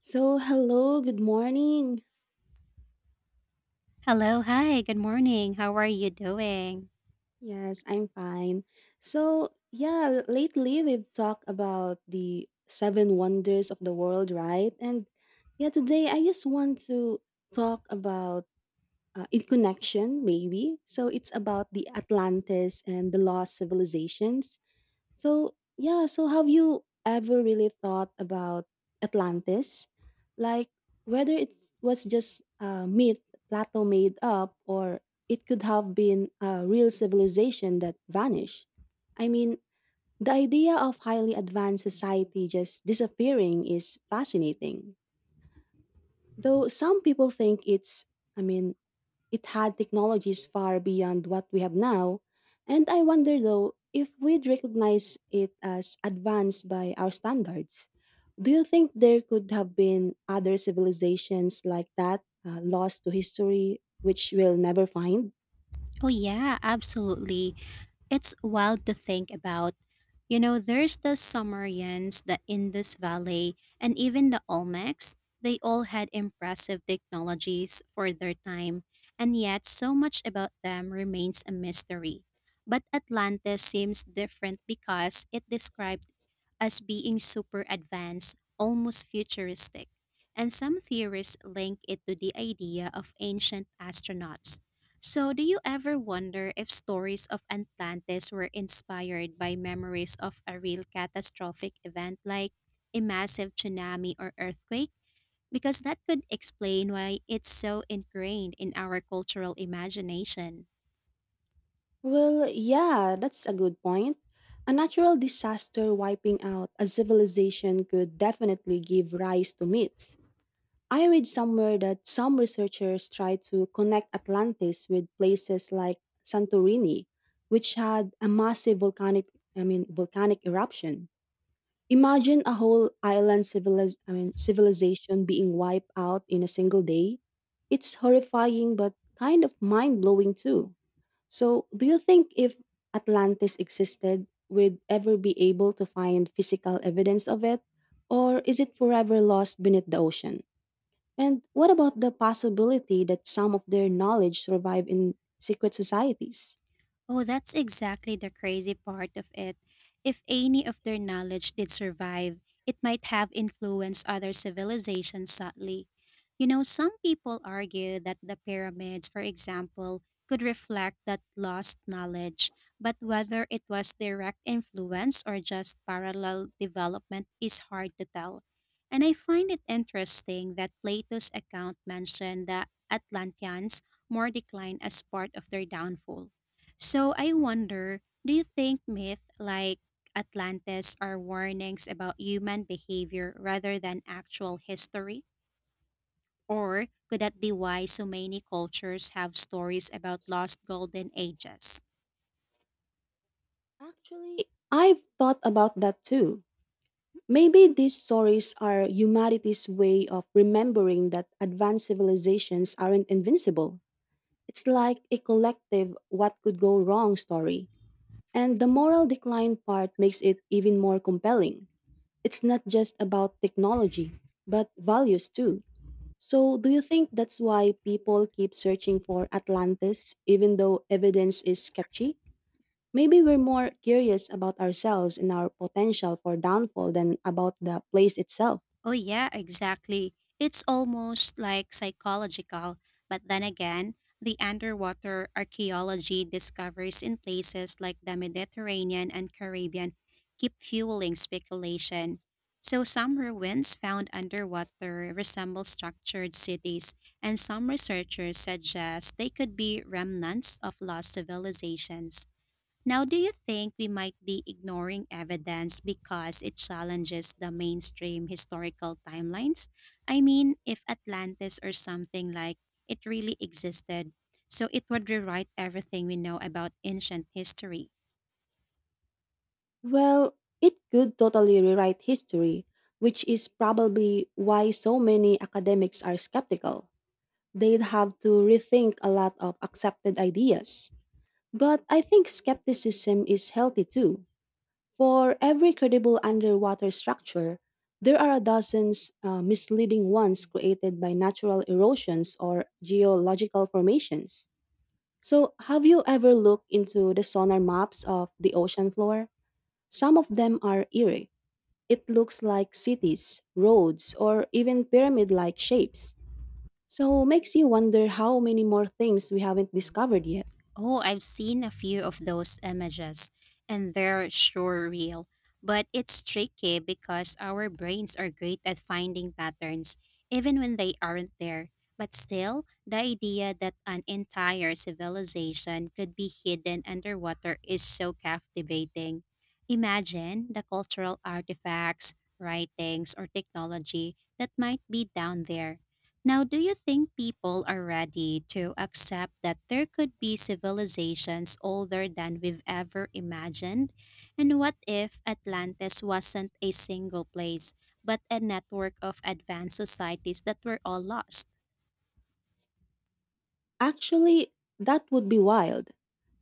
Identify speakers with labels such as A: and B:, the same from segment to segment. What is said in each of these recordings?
A: So, hello, good morning.
B: Hello, hi, good morning. How are you doing?
A: Yes, I'm fine. So, yeah, lately we've talked about the seven wonders of the world, right? And yeah, today I just want to talk about in connection, maybe. So, it's about the Atlantis and the lost civilizations. So, yeah, so have you ever really thought about Atlantis? Like whether it was just a myth Plato made up or it could have been a real civilization that vanished. I mean, the idea of highly advanced society just disappearing is fascinating. Though some people think it's, I mean, it had technologies far beyond what we have now, and I wonder though if we'd recognize it as advanced by our standards. Do you think there could have been other civilizations like that, lost to history, which we'll never find?
B: Oh, yeah, absolutely. It's wild to think about. You know, there's the Sumerians, the Indus Valley, and even the Olmecs. They all had impressive technologies for their time, and yet so much about them remains a mystery. But Atlantis seems different because it described as being super advanced, almost futuristic. And some theorists link it to the idea of ancient astronauts. So, do you ever wonder if stories of Atlantis were inspired by memories of a real catastrophic event like a massive tsunami or earthquake? Because that could explain why it's so ingrained in our cultural imagination.
A: Well, yeah, that's a good point. A natural disaster wiping out a civilization could definitely give rise to myths. I read somewhere that some researchers tried to connect Atlantis with places like Santorini, which had a massive volcanic I mean volcanic eruption. Imagine a whole island civilization being wiped out in a single day. It's horrifying but kind of mind-blowing too. So, do you think if Atlantis existed, we'd ever be able to find physical evidence of it or is it forever lost beneath the ocean? And what about the possibility that some of their knowledge survive in secret societies?
B: Oh, that's exactly the crazy part of it. If any of their knowledge did survive, it might have influenced other civilizations subtly. You know, some people argue that the pyramids, for example, could reflect that lost knowledge, but whether it was direct influence or just parallel development is hard to tell. And I find it interesting that Plato's account mentioned the Atlanteans more declined as part of their downfall. So I wonder, do you think myths like Atlantis are warnings about human behavior rather than actual history? Or could that be why so many cultures have stories about lost golden ages?
A: Actually, I've thought about that too. Maybe these stories are humanity's way of remembering that advanced civilizations aren't invincible. It's like a collective what could go wrong story. And the moral decline part makes it even more compelling. It's not just about technology, but values too. So, do you think that's why people keep searching for Atlantis even though evidence is sketchy? Maybe we're more curious about ourselves and our potential for downfall than about the place itself.
B: Oh, yeah, exactly. It's almost like psychological. But then again, the underwater archaeology discoveries in places like the Mediterranean and Caribbean keep fueling speculation. So, some ruins found underwater resemble structured cities, and some researchers suggest they could be remnants of lost civilizations. Now, do you think we might be ignoring evidence because it challenges the mainstream historical timelines? I mean, if Atlantis or something like it really existed, so it would rewrite everything we know about ancient history.
A: Well, it could totally rewrite history, which is probably why so many academics are skeptical. They'd have to rethink a lot of accepted ideas. But I think skepticism is healthy too. For every credible underwater structure, there are dozens misleading ones created by natural erosions or geological formations. So, have you ever looked into the sonar maps of the ocean floor? Some of them are eerie. It looks like cities, roads, or even pyramid like shapes. So, makes you wonder how many more things we haven't discovered yet.
B: Oh, I've seen a few of those images, and they're sure real. But it's tricky because our brains are great at finding patterns, even when they aren't there. But still, the idea that an entire civilization could be hidden underwater is so captivating. Imagine the cultural artifacts, writings, or technology that might be down there. Now, do you think people are ready to accept that there could be civilizations older than we've ever imagined? And what if Atlantis wasn't a single place, but a network of advanced societies that were all lost?
A: Actually, that would be wild.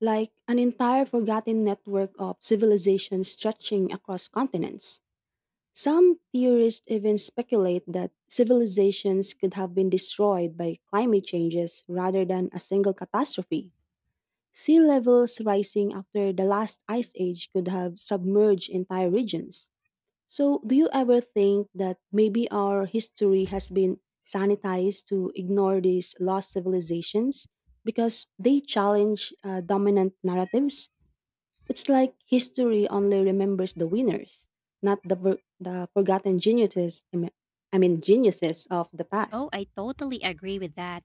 A: Like an entire forgotten network of civilizations stretching across continents. Some theorists even speculate that civilizations could have been destroyed by climate changes rather than a single catastrophe. Sea levels rising after the last ice age could have submerged entire regions. So, do you ever think that maybe our history has been sanitized to ignore these lost civilizations because they challenge dominant narratives? It's like history only remembers the winners, not the forgotten geniuses, I mean, geniuses of the past.
B: Oh, I totally agree with that.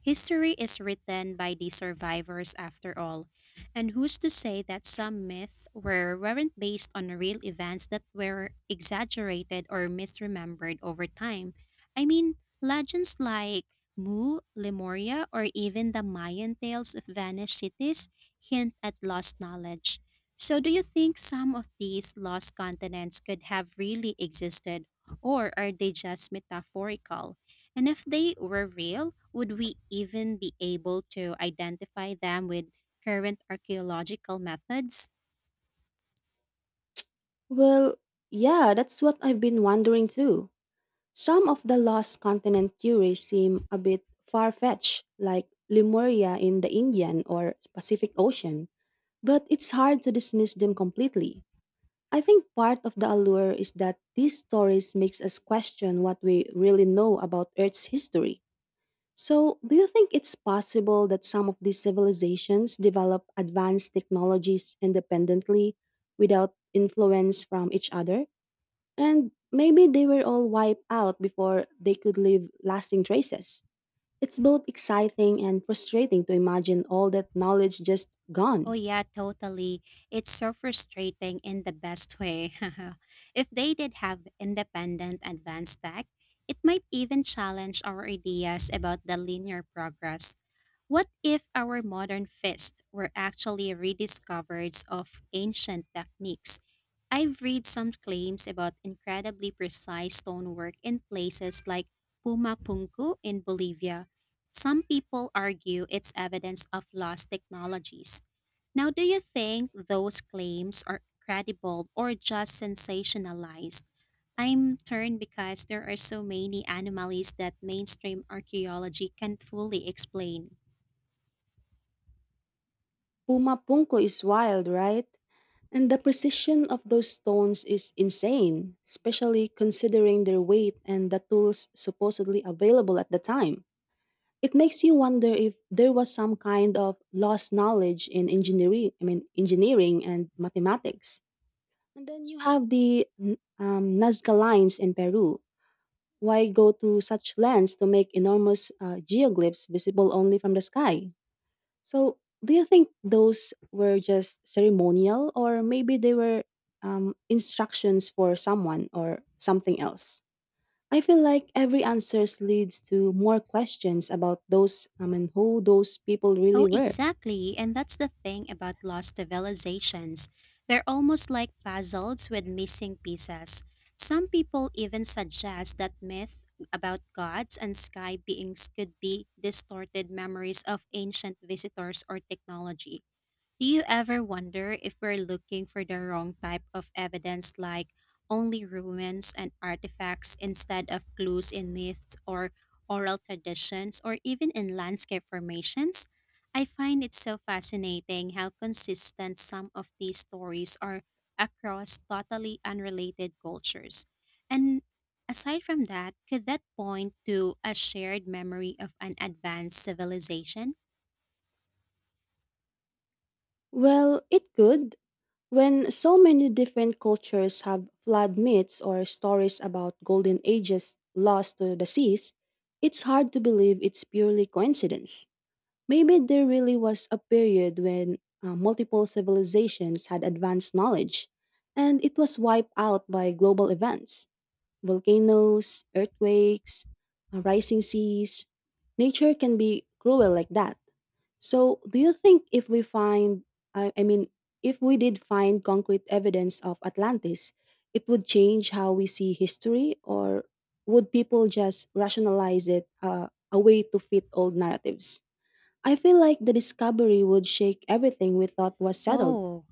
B: History is written by the survivors after all. And who's to say that some myths were, weren't based on real events that were exaggerated or misremembered over time? I mean, legends like Mu, Lemuria, or even the Mayan tales of vanished cities hint at lost knowledge. So, do you think some of these lost continents could have really existed, or are they just metaphorical? And if they were real, would we even be able to identify them with current archaeological methods?
A: Well, yeah, that's what I've been wondering too. Some of the lost continent theories seem a bit far fetched, like Lemuria in the Indian or Pacific Ocean. But it's hard to dismiss them completely. I think part of the allure is that these stories makes us question what we really know about Earth's history. So, do you think it's possible that some of these civilizations develop advanced technologies independently without influence from each other? And maybe they were all wiped out before they could leave lasting traces. It's both exciting and frustrating to imagine all that knowledge just
B: Oh,
A: gone.
B: yeah, totally. It's so frustrating in the best way. If they did have independent advanced tech, it might even challenge our ideas about the linear progress. What if our modern fists were actually rediscoveries of ancient techniques? I've read some claims about incredibly precise stonework in places like Pumapunku in Bolivia. Some people argue it's evidence of lost technologies. Now, do you think those claims are credible or just sensationalized? I'm turned because there are so many anomalies that mainstream archaeology can't fully explain.
A: Pumapungko is wild, right? And the precision of those stones is insane, especially considering their weight and the tools supposedly available at the time. It makes you wonder if there was some kind of lost knowledge in engineering, I mean engineering and mathematics. And then you have the Nazca lines in Peru. Why go to such lengths to make enormous geoglyphs visible only from the sky? So, do you think those were just ceremonial, or maybe they were instructions for someone or something else? I feel like every answer leads to more questions about who those people really
B: Oh,
A: were.
B: exactly. And that's the thing about lost civilizations. They're almost like puzzles with missing pieces. Some people even suggest that myth about gods and sky beings could be distorted memories of ancient visitors or technology. Do you ever wonder if we're looking for the wrong type of evidence, like only ruins and artifacts instead of clues in myths or oral traditions or even in landscape formations? I find it so fascinating how consistent some of these stories are across totally unrelated cultures. And aside from that, could that point to a shared memory of an advanced civilization?
A: Well, it could. When so many different cultures have flood myths or stories about golden ages lost to the seas, it's hard to believe it's purely coincidence. Maybe there really was a period when multiple civilizations had advanced knowledge, and it was wiped out by global events volcanoes, earthquakes, rising seas. Nature can be cruel like that. So, do you think if we find, I mean, if we did find concrete evidence of Atlantis, it would change how we see history, or would people just rationalize it a way to fit old narratives? I feel like the discovery would shake everything we thought was settled.
B: Oh,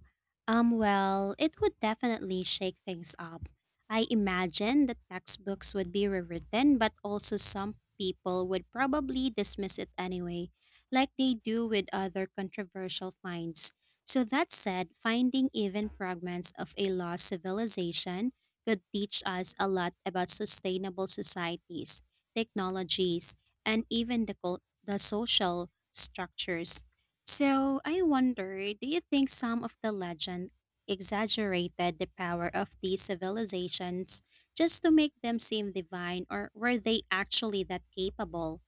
B: well, it would definitely shake things up. I imagine that textbooks would be rewritten, but also some people would probably dismiss it anyway, like they do with other controversial finds. So, that said, finding even fragments of a lost civilization could teach us a lot about sustainable societies, technologies, and even the, the social structures. So I wonder, do you think some of the legend exaggerated the power of these civilizations just to make them seem divine, or were they actually that capable?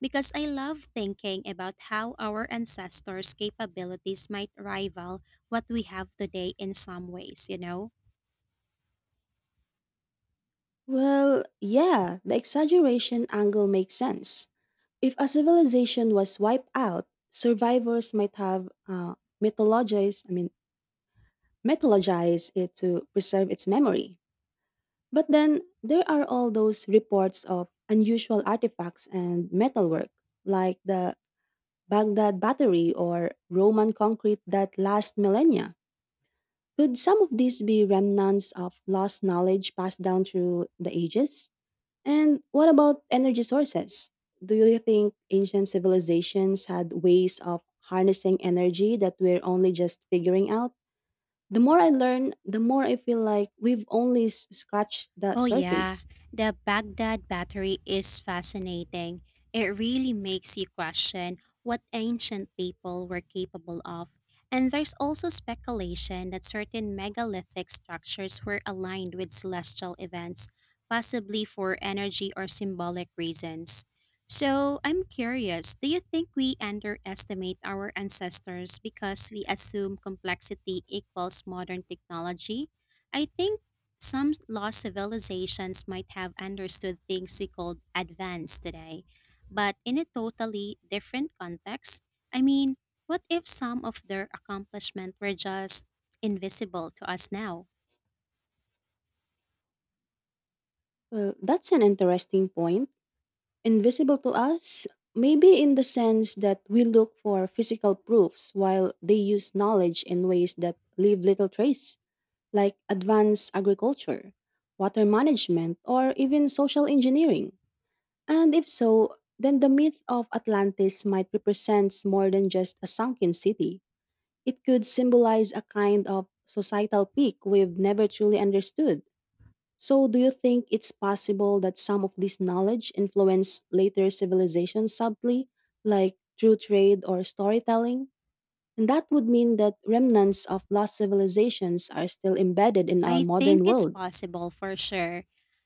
B: Because I love thinking about how our ancestors' capabilities might rival what we have today in some ways, you know?
A: Well, yeah, the exaggeration angle makes sense. If a civilization was wiped out, survivors might have mythologized, I mean, mythologized it to preserve its memory. But then there are all those reports of unusual artifacts and metalwork, like the Baghdad Battery or Roman concrete that last millennia. Could some of these be remnants of lost knowledge passed down through the ages? And what about energy sources? Do you think ancient civilizations had ways of harnessing energy that we're only just figuring out? The more I learn, the more I feel like we've only scratched the
B: Oh, yeah.
A: surface.
B: The Baghdad Battery is fascinating. It really makes you question what ancient people were capable of. And there's also speculation that certain megalithic structures were aligned with celestial events, possibly for energy or symbolic reasons. So, I'm curious, do you think we underestimate our ancestors because we assume complexity equals modern technology? I think some lost civilizations might have understood things we called advanced today, but in a totally different context. I mean, what if some of their accomplishments were just invisible to us now?
A: Well, that's an interesting point. Invisible to us, maybe in the sense that we look for physical proofs while they use knowledge in ways that leave little trace. Like advanced agriculture, water management, or even social engineering? And if so, then the myth of Atlantis might represent more than just a sunken city. It could symbolize a kind of societal peak we've never truly understood. So, do you think it's possible that some of this knowledge influenced later civilizations subtly, like through trade or storytelling? And that would mean that remnants of lost civilizations are still embedded in our
B: I think
A: modern
B: it's
A: world.
B: possible for sure.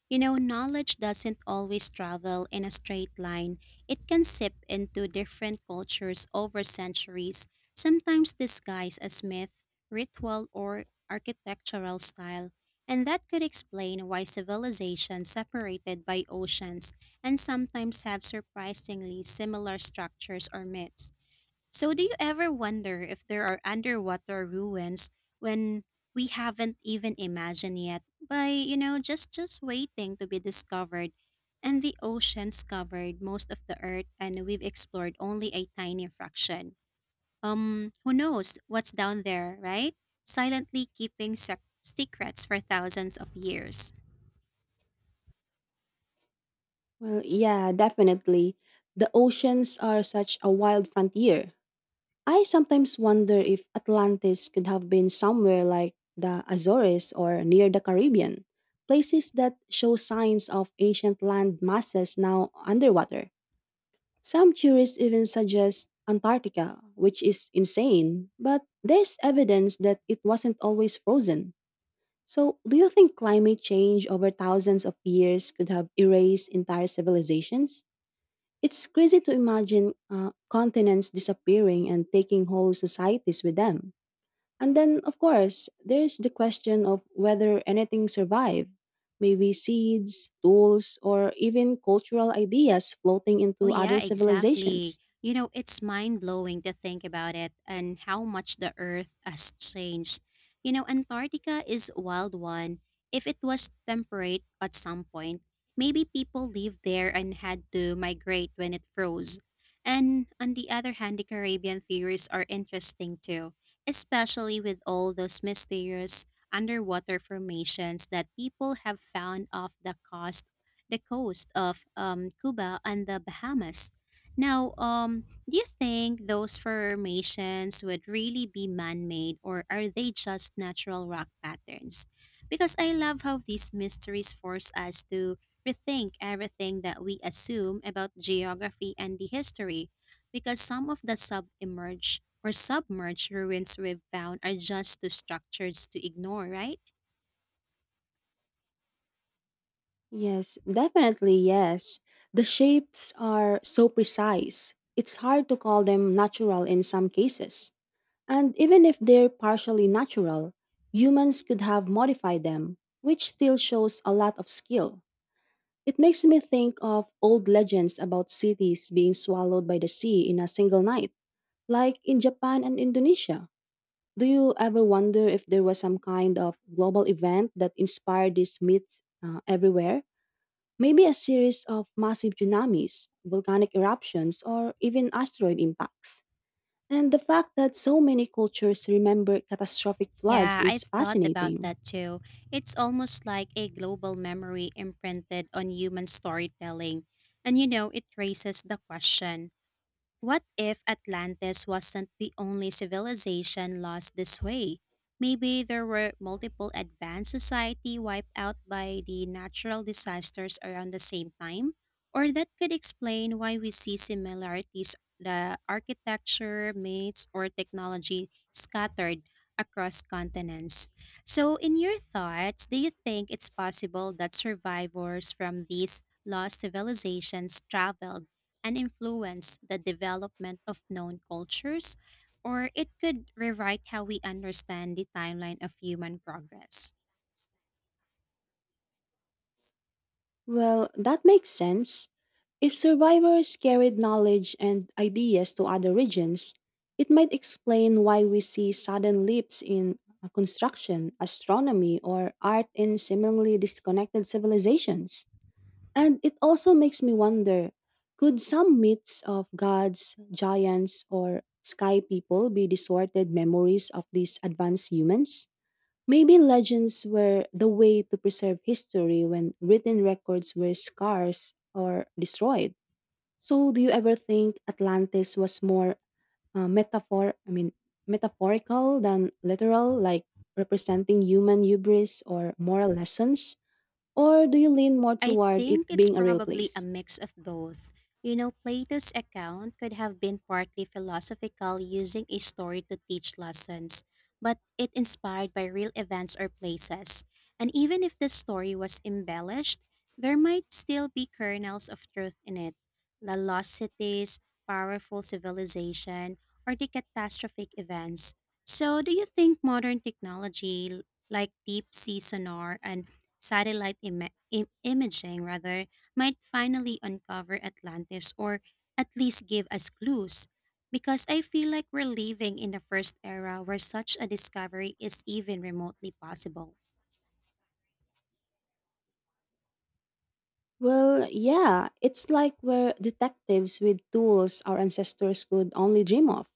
B: You know, knowledge doesn't always travel in a straight line. It can sip into different cultures over centuries, sometimes disguised as myth, ritual, or architectural style. And that could explain why civilizations separated by oceans and sometimes have surprisingly similar structures or myths. So, do you ever wonder if there are underwater ruins when we haven't even imagined yet by, you know, just waiting to be discovered? And the oceans covered most of the earth and we've explored only a tiny fraction. Who knows what's down there, right? Silently keeping secrets for thousands of years.
A: Well, yeah, definitely. The oceans are such a wild frontier. I sometimes wonder if Atlantis could have been somewhere like the Azores or near the Caribbean, places that show signs of ancient land masses now underwater. Some theorists even suggest Antarctica, which is insane, but there's evidence that it wasn't always frozen. So, do you think climate change over thousands of years could have erased entire civilizations? It's crazy to imagine continents disappearing and taking whole societies with them. And then, of course, there's the question of whether anything survived. Maybe seeds, tools, or even cultural ideas floating
B: Oh,
A: into other
B: yeah, exactly.
A: civilizations.
B: You know, it's mind blowing to think about it and how much the Earth has changed. You know, Antarctica is a wild one. If it was temperate at some point, maybe people lived there and had to migrate when it froze. And on the other hand, the Caribbean theories are interesting too, especially with all those mysterious underwater formations that people have found off the coast of Cuba and the Bahamas. Now, um, do you think those formations would really be man made or are they just natural rock patterns? Because I love how these mysteries force us to rethink everything that we assume about geography and the history, because some of the sub emerge or submerged ruins we've found are just too structures to ignore, right?
A: Yes, definitely yes. The shapes are so precise, it's hard to call them natural in some cases. And even if they're partially natural, humans could have modified them, which still shows a lot of skill. It makes me think of old legends about cities being swallowed by the sea in a single night, like in Japan and Indonesia. Do you ever wonder if there was some kind of global event that inspired these myths everywhere? Maybe a series of massive tsunamis, volcanic eruptions, or even asteroid impacts. And the fact that so many cultures remember catastrophic floods
B: Yeah,
A: is
B: I've thought about
A: fascinating.
B: that too. It's almost like a global memory imprinted on human storytelling. And you know, it raises the question, what if Atlantis wasn't the only civilization lost this way? Maybe there were multiple advanced society wiped out by the natural disasters around the same time, or that could explain why we see similarities the architecture, myths, or technology scattered across continents. So in your thoughts, do you think it's possible that survivors from these lost civilizations traveled and influence the development of known cultures, or it could rewrite how we understand the timeline of human progress.
A: Well, that makes sense. If survivors carried knowledge and ideas to other regions, it might explain why we see sudden leaps in construction, astronomy, or art in seemingly disconnected civilizations. And it also makes me wonder could some myths of gods, giants, or sky people be distorted memories of these advanced humans? Maybe legends were the way to preserve history when written records were scarce or destroyed. So, do you ever think Atlantis was more uh, metaphor? I mean, metaphorical than literal, like representing human hubris or moral lessons? Or do you lean more
B: I
A: toward it
B: think it's
A: being a real
B: probably a
A: place?
B: mix of both. You know, Plato's account could have been partly philosophical, using a story to teach lessons, but it inspired by real events or places. And even if the story was embellished, there might still be kernels of truth in it. The lost cities, powerful civilization, or the catastrophic events. So, do you think modern technology like deep sea sonar and satellite imaging rather might finally uncover Atlantis or at least give us clues because I feel like we're living in the first era where such a discovery is even remotely possible.
A: Well, yeah, it's like we're detectives with tools our ancestors could only dream of.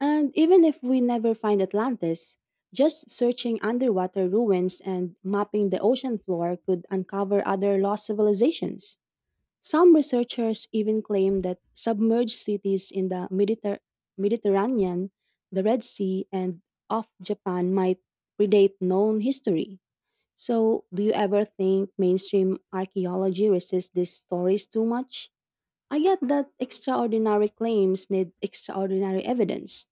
A: And even if we never find Atlantis, just searching underwater ruins and mapping the ocean floor could uncover other lost civilizations. Some researchers even claim that submerged cities in the Mediterranean, the Red Sea, and off Japan might predate known history. So, do you ever think mainstream archaeology resists these stories too much? I get that extraordinary claims need extraordinary evidence,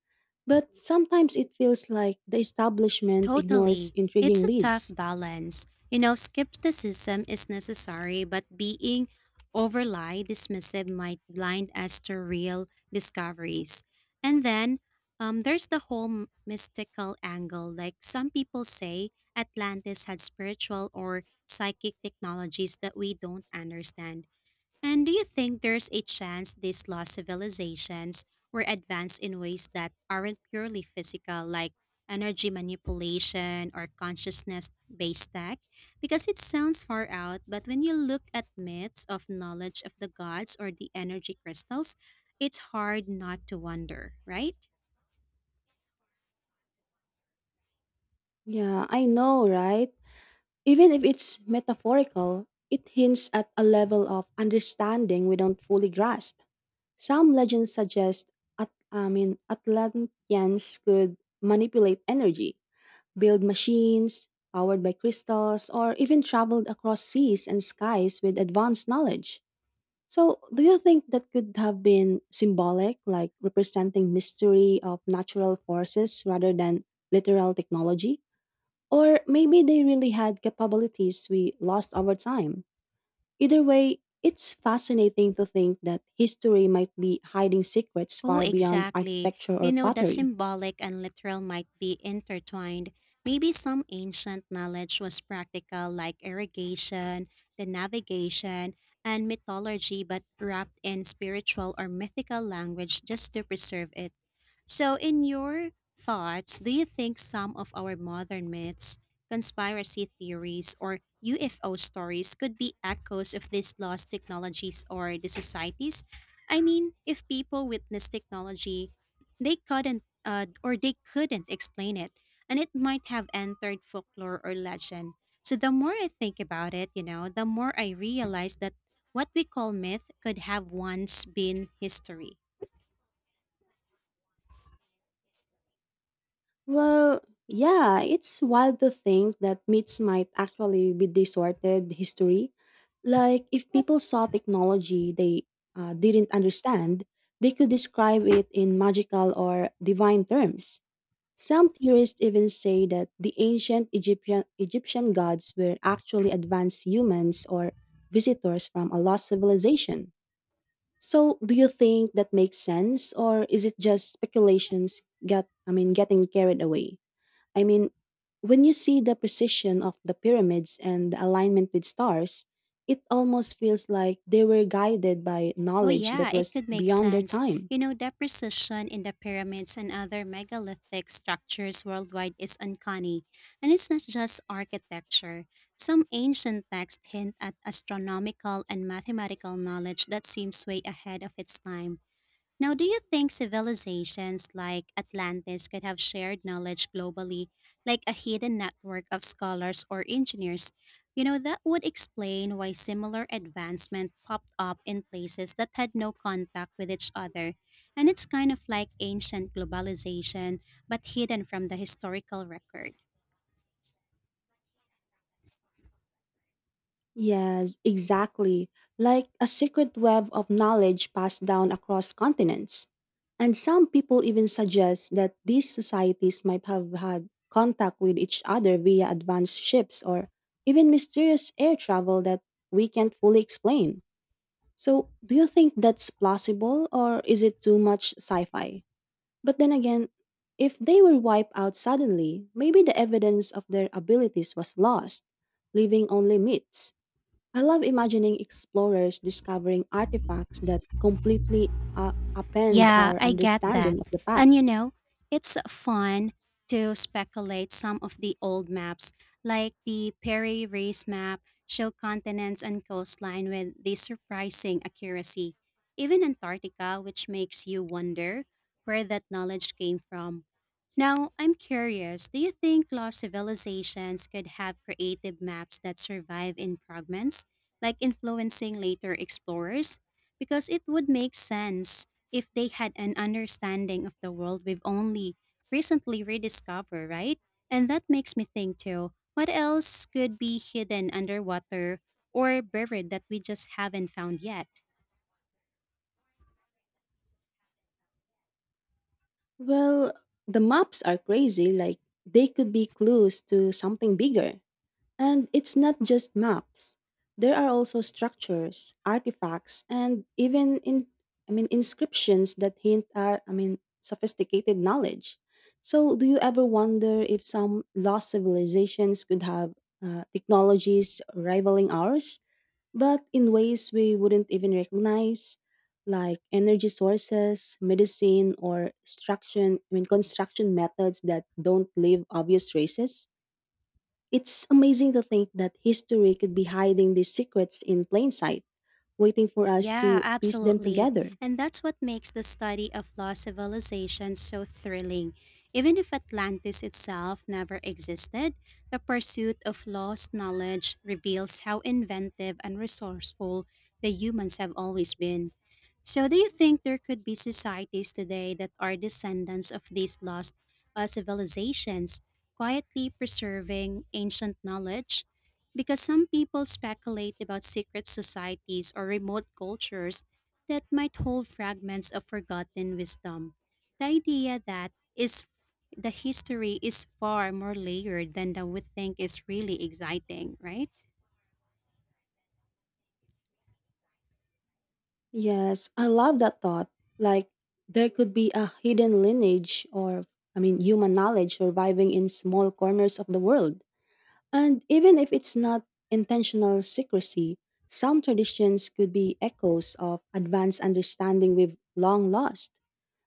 A: but sometimes it feels like the establishment ignores
B: Totally. It's
A: intriguing
B: a tough
A: leads.
B: balance. You know, skepticism is necessary, but being overly dismissive might blind us to real discoveries. And then There's the whole mystical angle. Like some people say, Atlantis had spiritual or psychic technologies that we don't understand. And do you think there's a chance these lost civilizations were advanced in ways that aren't purely physical, like energy manipulation or consciousness based tech? Because it sounds far out, but when you look at myths of knowledge of the gods or the energy crystals, it's hard not to wonder, right?
A: Yeah, I know, right? Even if it's metaphorical, it hints at a level of understanding we don't fully grasp. Some legends suggest Atlanteans could manipulate energy, build machines powered by crystals, or even traveled across seas and skies with advanced knowledge. So, do you think that could have been symbolic, like representing mystery of natural forces rather than literal technology? Or maybe they really had capabilities we lost over time. Either way, it's fascinating to think that history might be hiding secrets
B: Oh,
A: far beyond
B: exactly.
A: architecture or
B: You know, the
A: pottery.
B: symbolic and literal might be intertwined. Maybe some ancient knowledge was practical, like irrigation, the navigation, and mythology, but wrapped in spiritual or mythical language just to preserve it. So, in your thoughts, do you think some of our modern myths, conspiracy theories, or UFO stories could be echoes of these lost technologies or the societies? I mean, if people witness technology, they couldn't explain it, and it might have entered folklore or legend. So, the more I think about it, you know, the more I realize that what we call myth could have once been history.
A: Well, yeah, it's wild to think that myths might actually be distorted history. Like, if people saw technology they didn't understand, they could describe it in magical or divine terms. Some theorists even say that the ancient Egyptian gods were actually advanced humans or visitors from a lost civilization. So, do you think that makes sense, or is it just speculations? Getting carried away. I mean, when you see the precision of the pyramids and the alignment with stars, it almost feels like they were guided by
B: Oh,
A: knowledge
B: yeah,
A: that
B: it
A: was
B: could make
A: beyond their
B: sense.
A: time.
B: You know, the precision in the pyramids and other megalithic structures worldwide is uncanny. And it's not just architecture. Some ancient texts hint at astronomical and mathematical knowledge that seems way ahead of its time. Now, do you think civilizations like Atlantis could have shared knowledge globally, like a hidden network of scholars or engineers? You know, that would explain why similar advancement popped up in places that had no contact with each other. And it's kind of like ancient globalization, but hidden from the historical record.
A: Yes, exactly. Like a secret web of knowledge passed down across continents. And some people even suggest that these societies might have had contact with each other via advanced ships or even mysterious air travel that we can't fully explain. So, do you think that's plausible or is it too much sci fi? But then again, if they were wiped out suddenly, maybe the evidence of their abilities was lost, leaving only myths. I love imagining explorers discovering artifacts that completely upend
B: Yeah,
A: our
B: I get that.
A: understanding of the
B: And you
A: past.
B: know, it's fun to speculate some of the old maps, like the Perry Race map, show continents and coastline with the surprising accuracy. Even Antarctica, which makes you wonder where that knowledge came from. Now, I'm curious, do you think lost civilizations could have creative maps that survive in fragments, like influencing later explorers? Because it would make sense if they had an understanding of the world we've only recently rediscovered, right? And that makes me think too, what else could be hidden underwater or buried that we just haven't found yet?
A: Well, the maps are crazy, like, they could be clues to something bigger. And it's not just maps. There are also structures, artifacts, and even in I mean inscriptions that hint at sophisticated knowledge. So do you ever wonder if some lost civilizations could have technologies rivaling ours, but in ways we wouldn't even recognize, like energy sources, medicine, or construction I mean construction methods that don't leave obvious traces? It's amazing to think that history could be hiding these secrets in plain sight, waiting for us
B: Yeah,
A: to piece them
B: absolutely.
A: together.
B: And that's what makes the study of lost civilizations so thrilling. Even if Atlantis itself never existed, the pursuit of lost knowledge reveals how inventive and resourceful the humans have always been. So, do you think there could be societies today that are descendants of these lost civilizations, quietly preserving ancient knowledge? Because some people speculate about secret societies or remote cultures that might hold fragments of forgotten wisdom. The idea that is the history is far more layered than that we think is really exciting, right?
A: Yes, I love that thought. Like, there could be a hidden lineage or, I mean, human knowledge surviving in small corners of the world. And even if it's not intentional secrecy, some traditions could be echoes of advanced understanding we've long lost.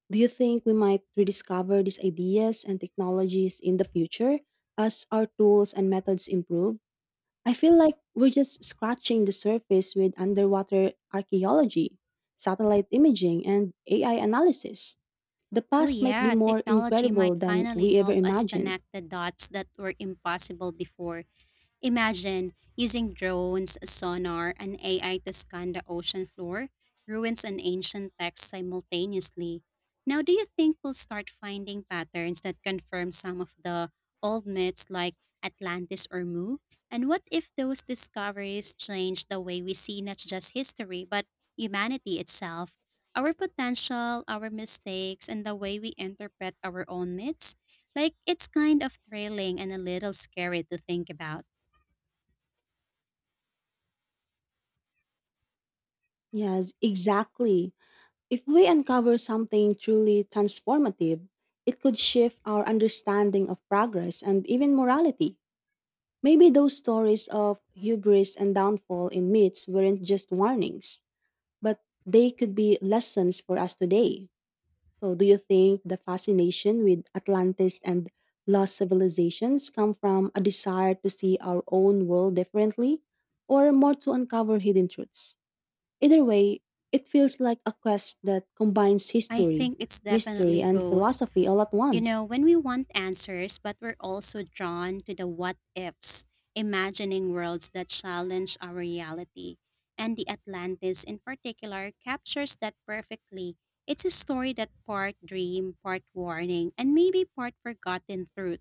A: Do you think we might rediscover these ideas and technologies in the future as our tools and methods improve? I feel like we're just scratching the surface with underwater archaeology, satellite imaging, and AI analysis. The
B: Oh
A: past might be
B: yeah,
A: more
B: technology
A: incredible
B: might
A: than
B: finally
A: we ever
B: help us
A: imagined.
B: connect the dots that were impossible before. Imagine using drones, sonar, and AI to scan the ocean floor, ruins, and ancient texts simultaneously. Now, do you think we'll start finding patterns that confirm some of the old myths like Atlantis or Mu? And what if those discoveries change the way we see not just history, but humanity itself? Our potential, our mistakes, and the way we interpret our own myths? Like, it's kind of thrilling and a little scary to think about.
A: Yes, exactly. If we uncover something truly transformative, it could shift our understanding of progress and even morality. Maybe those stories of hubris and downfall in myths weren't just warnings, but they could be lessons for us today. So, do you think the fascination with Atlantis and lost civilizations come from a desire to see our own world differently or more to uncover hidden truths? Either way, it feels like a quest that combines
B: I
A: history,
B: think it's
A: mystery,
B: definitely
A: and
B: both.
A: philosophy all at
B: You know,
A: once.
B: when we want answers, but we're also drawn to the what ifs, imagining worlds that challenge our reality. And the Atlantis, in particular, captures that perfectly. It's a story that part dream, part warning, and maybe part forgotten truth.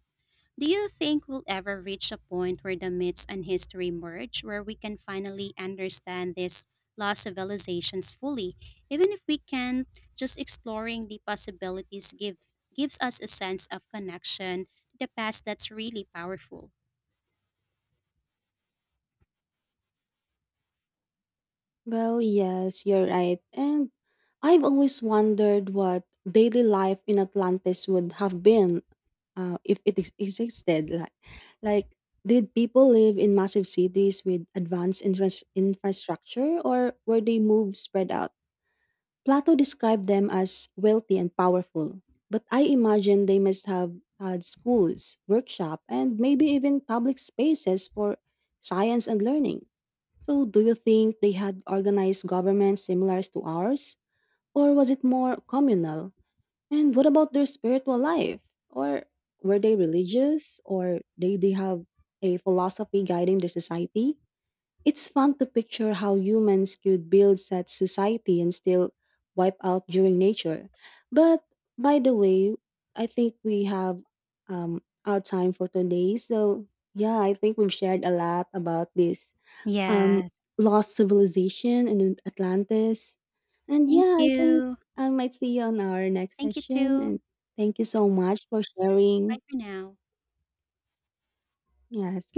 B: Do you think we'll ever reach a point where the myths and history merge, where we can finally understand these lost civilizations fully, even if we can just exploring the possibilities give gives us a sense of connection to the past that's really powerful.
A: Well, yes, you're right. And I've always wondered what daily life in Atlantis would have been if it existed. Like, did people live in massive cities with advanced infrastructure, or were they moved spread out? Plato described them as wealthy and powerful, but I imagine they must have had schools, workshop, and maybe even public spaces for science and learning. So, do you think they had organized governments similar to ours? Or was it more communal? And what about their spiritual life? Or were they religious? Or did they have a philosophy guiding their society? It's fun to picture how humans could build such society and still wipe out during nature. But by the way, I think we have our time for today. So yeah, I think we've shared a lot about this um,
B: Yes.
A: lost civilization and Atlantis. And
B: Thank
A: yeah, I think
B: you.
A: I might see you on
B: Yes,
A: our next
B: thank you
A: session.
B: too.
A: And thank you so much for
B: Bye
A: sharing.
B: for now.
A: Yes,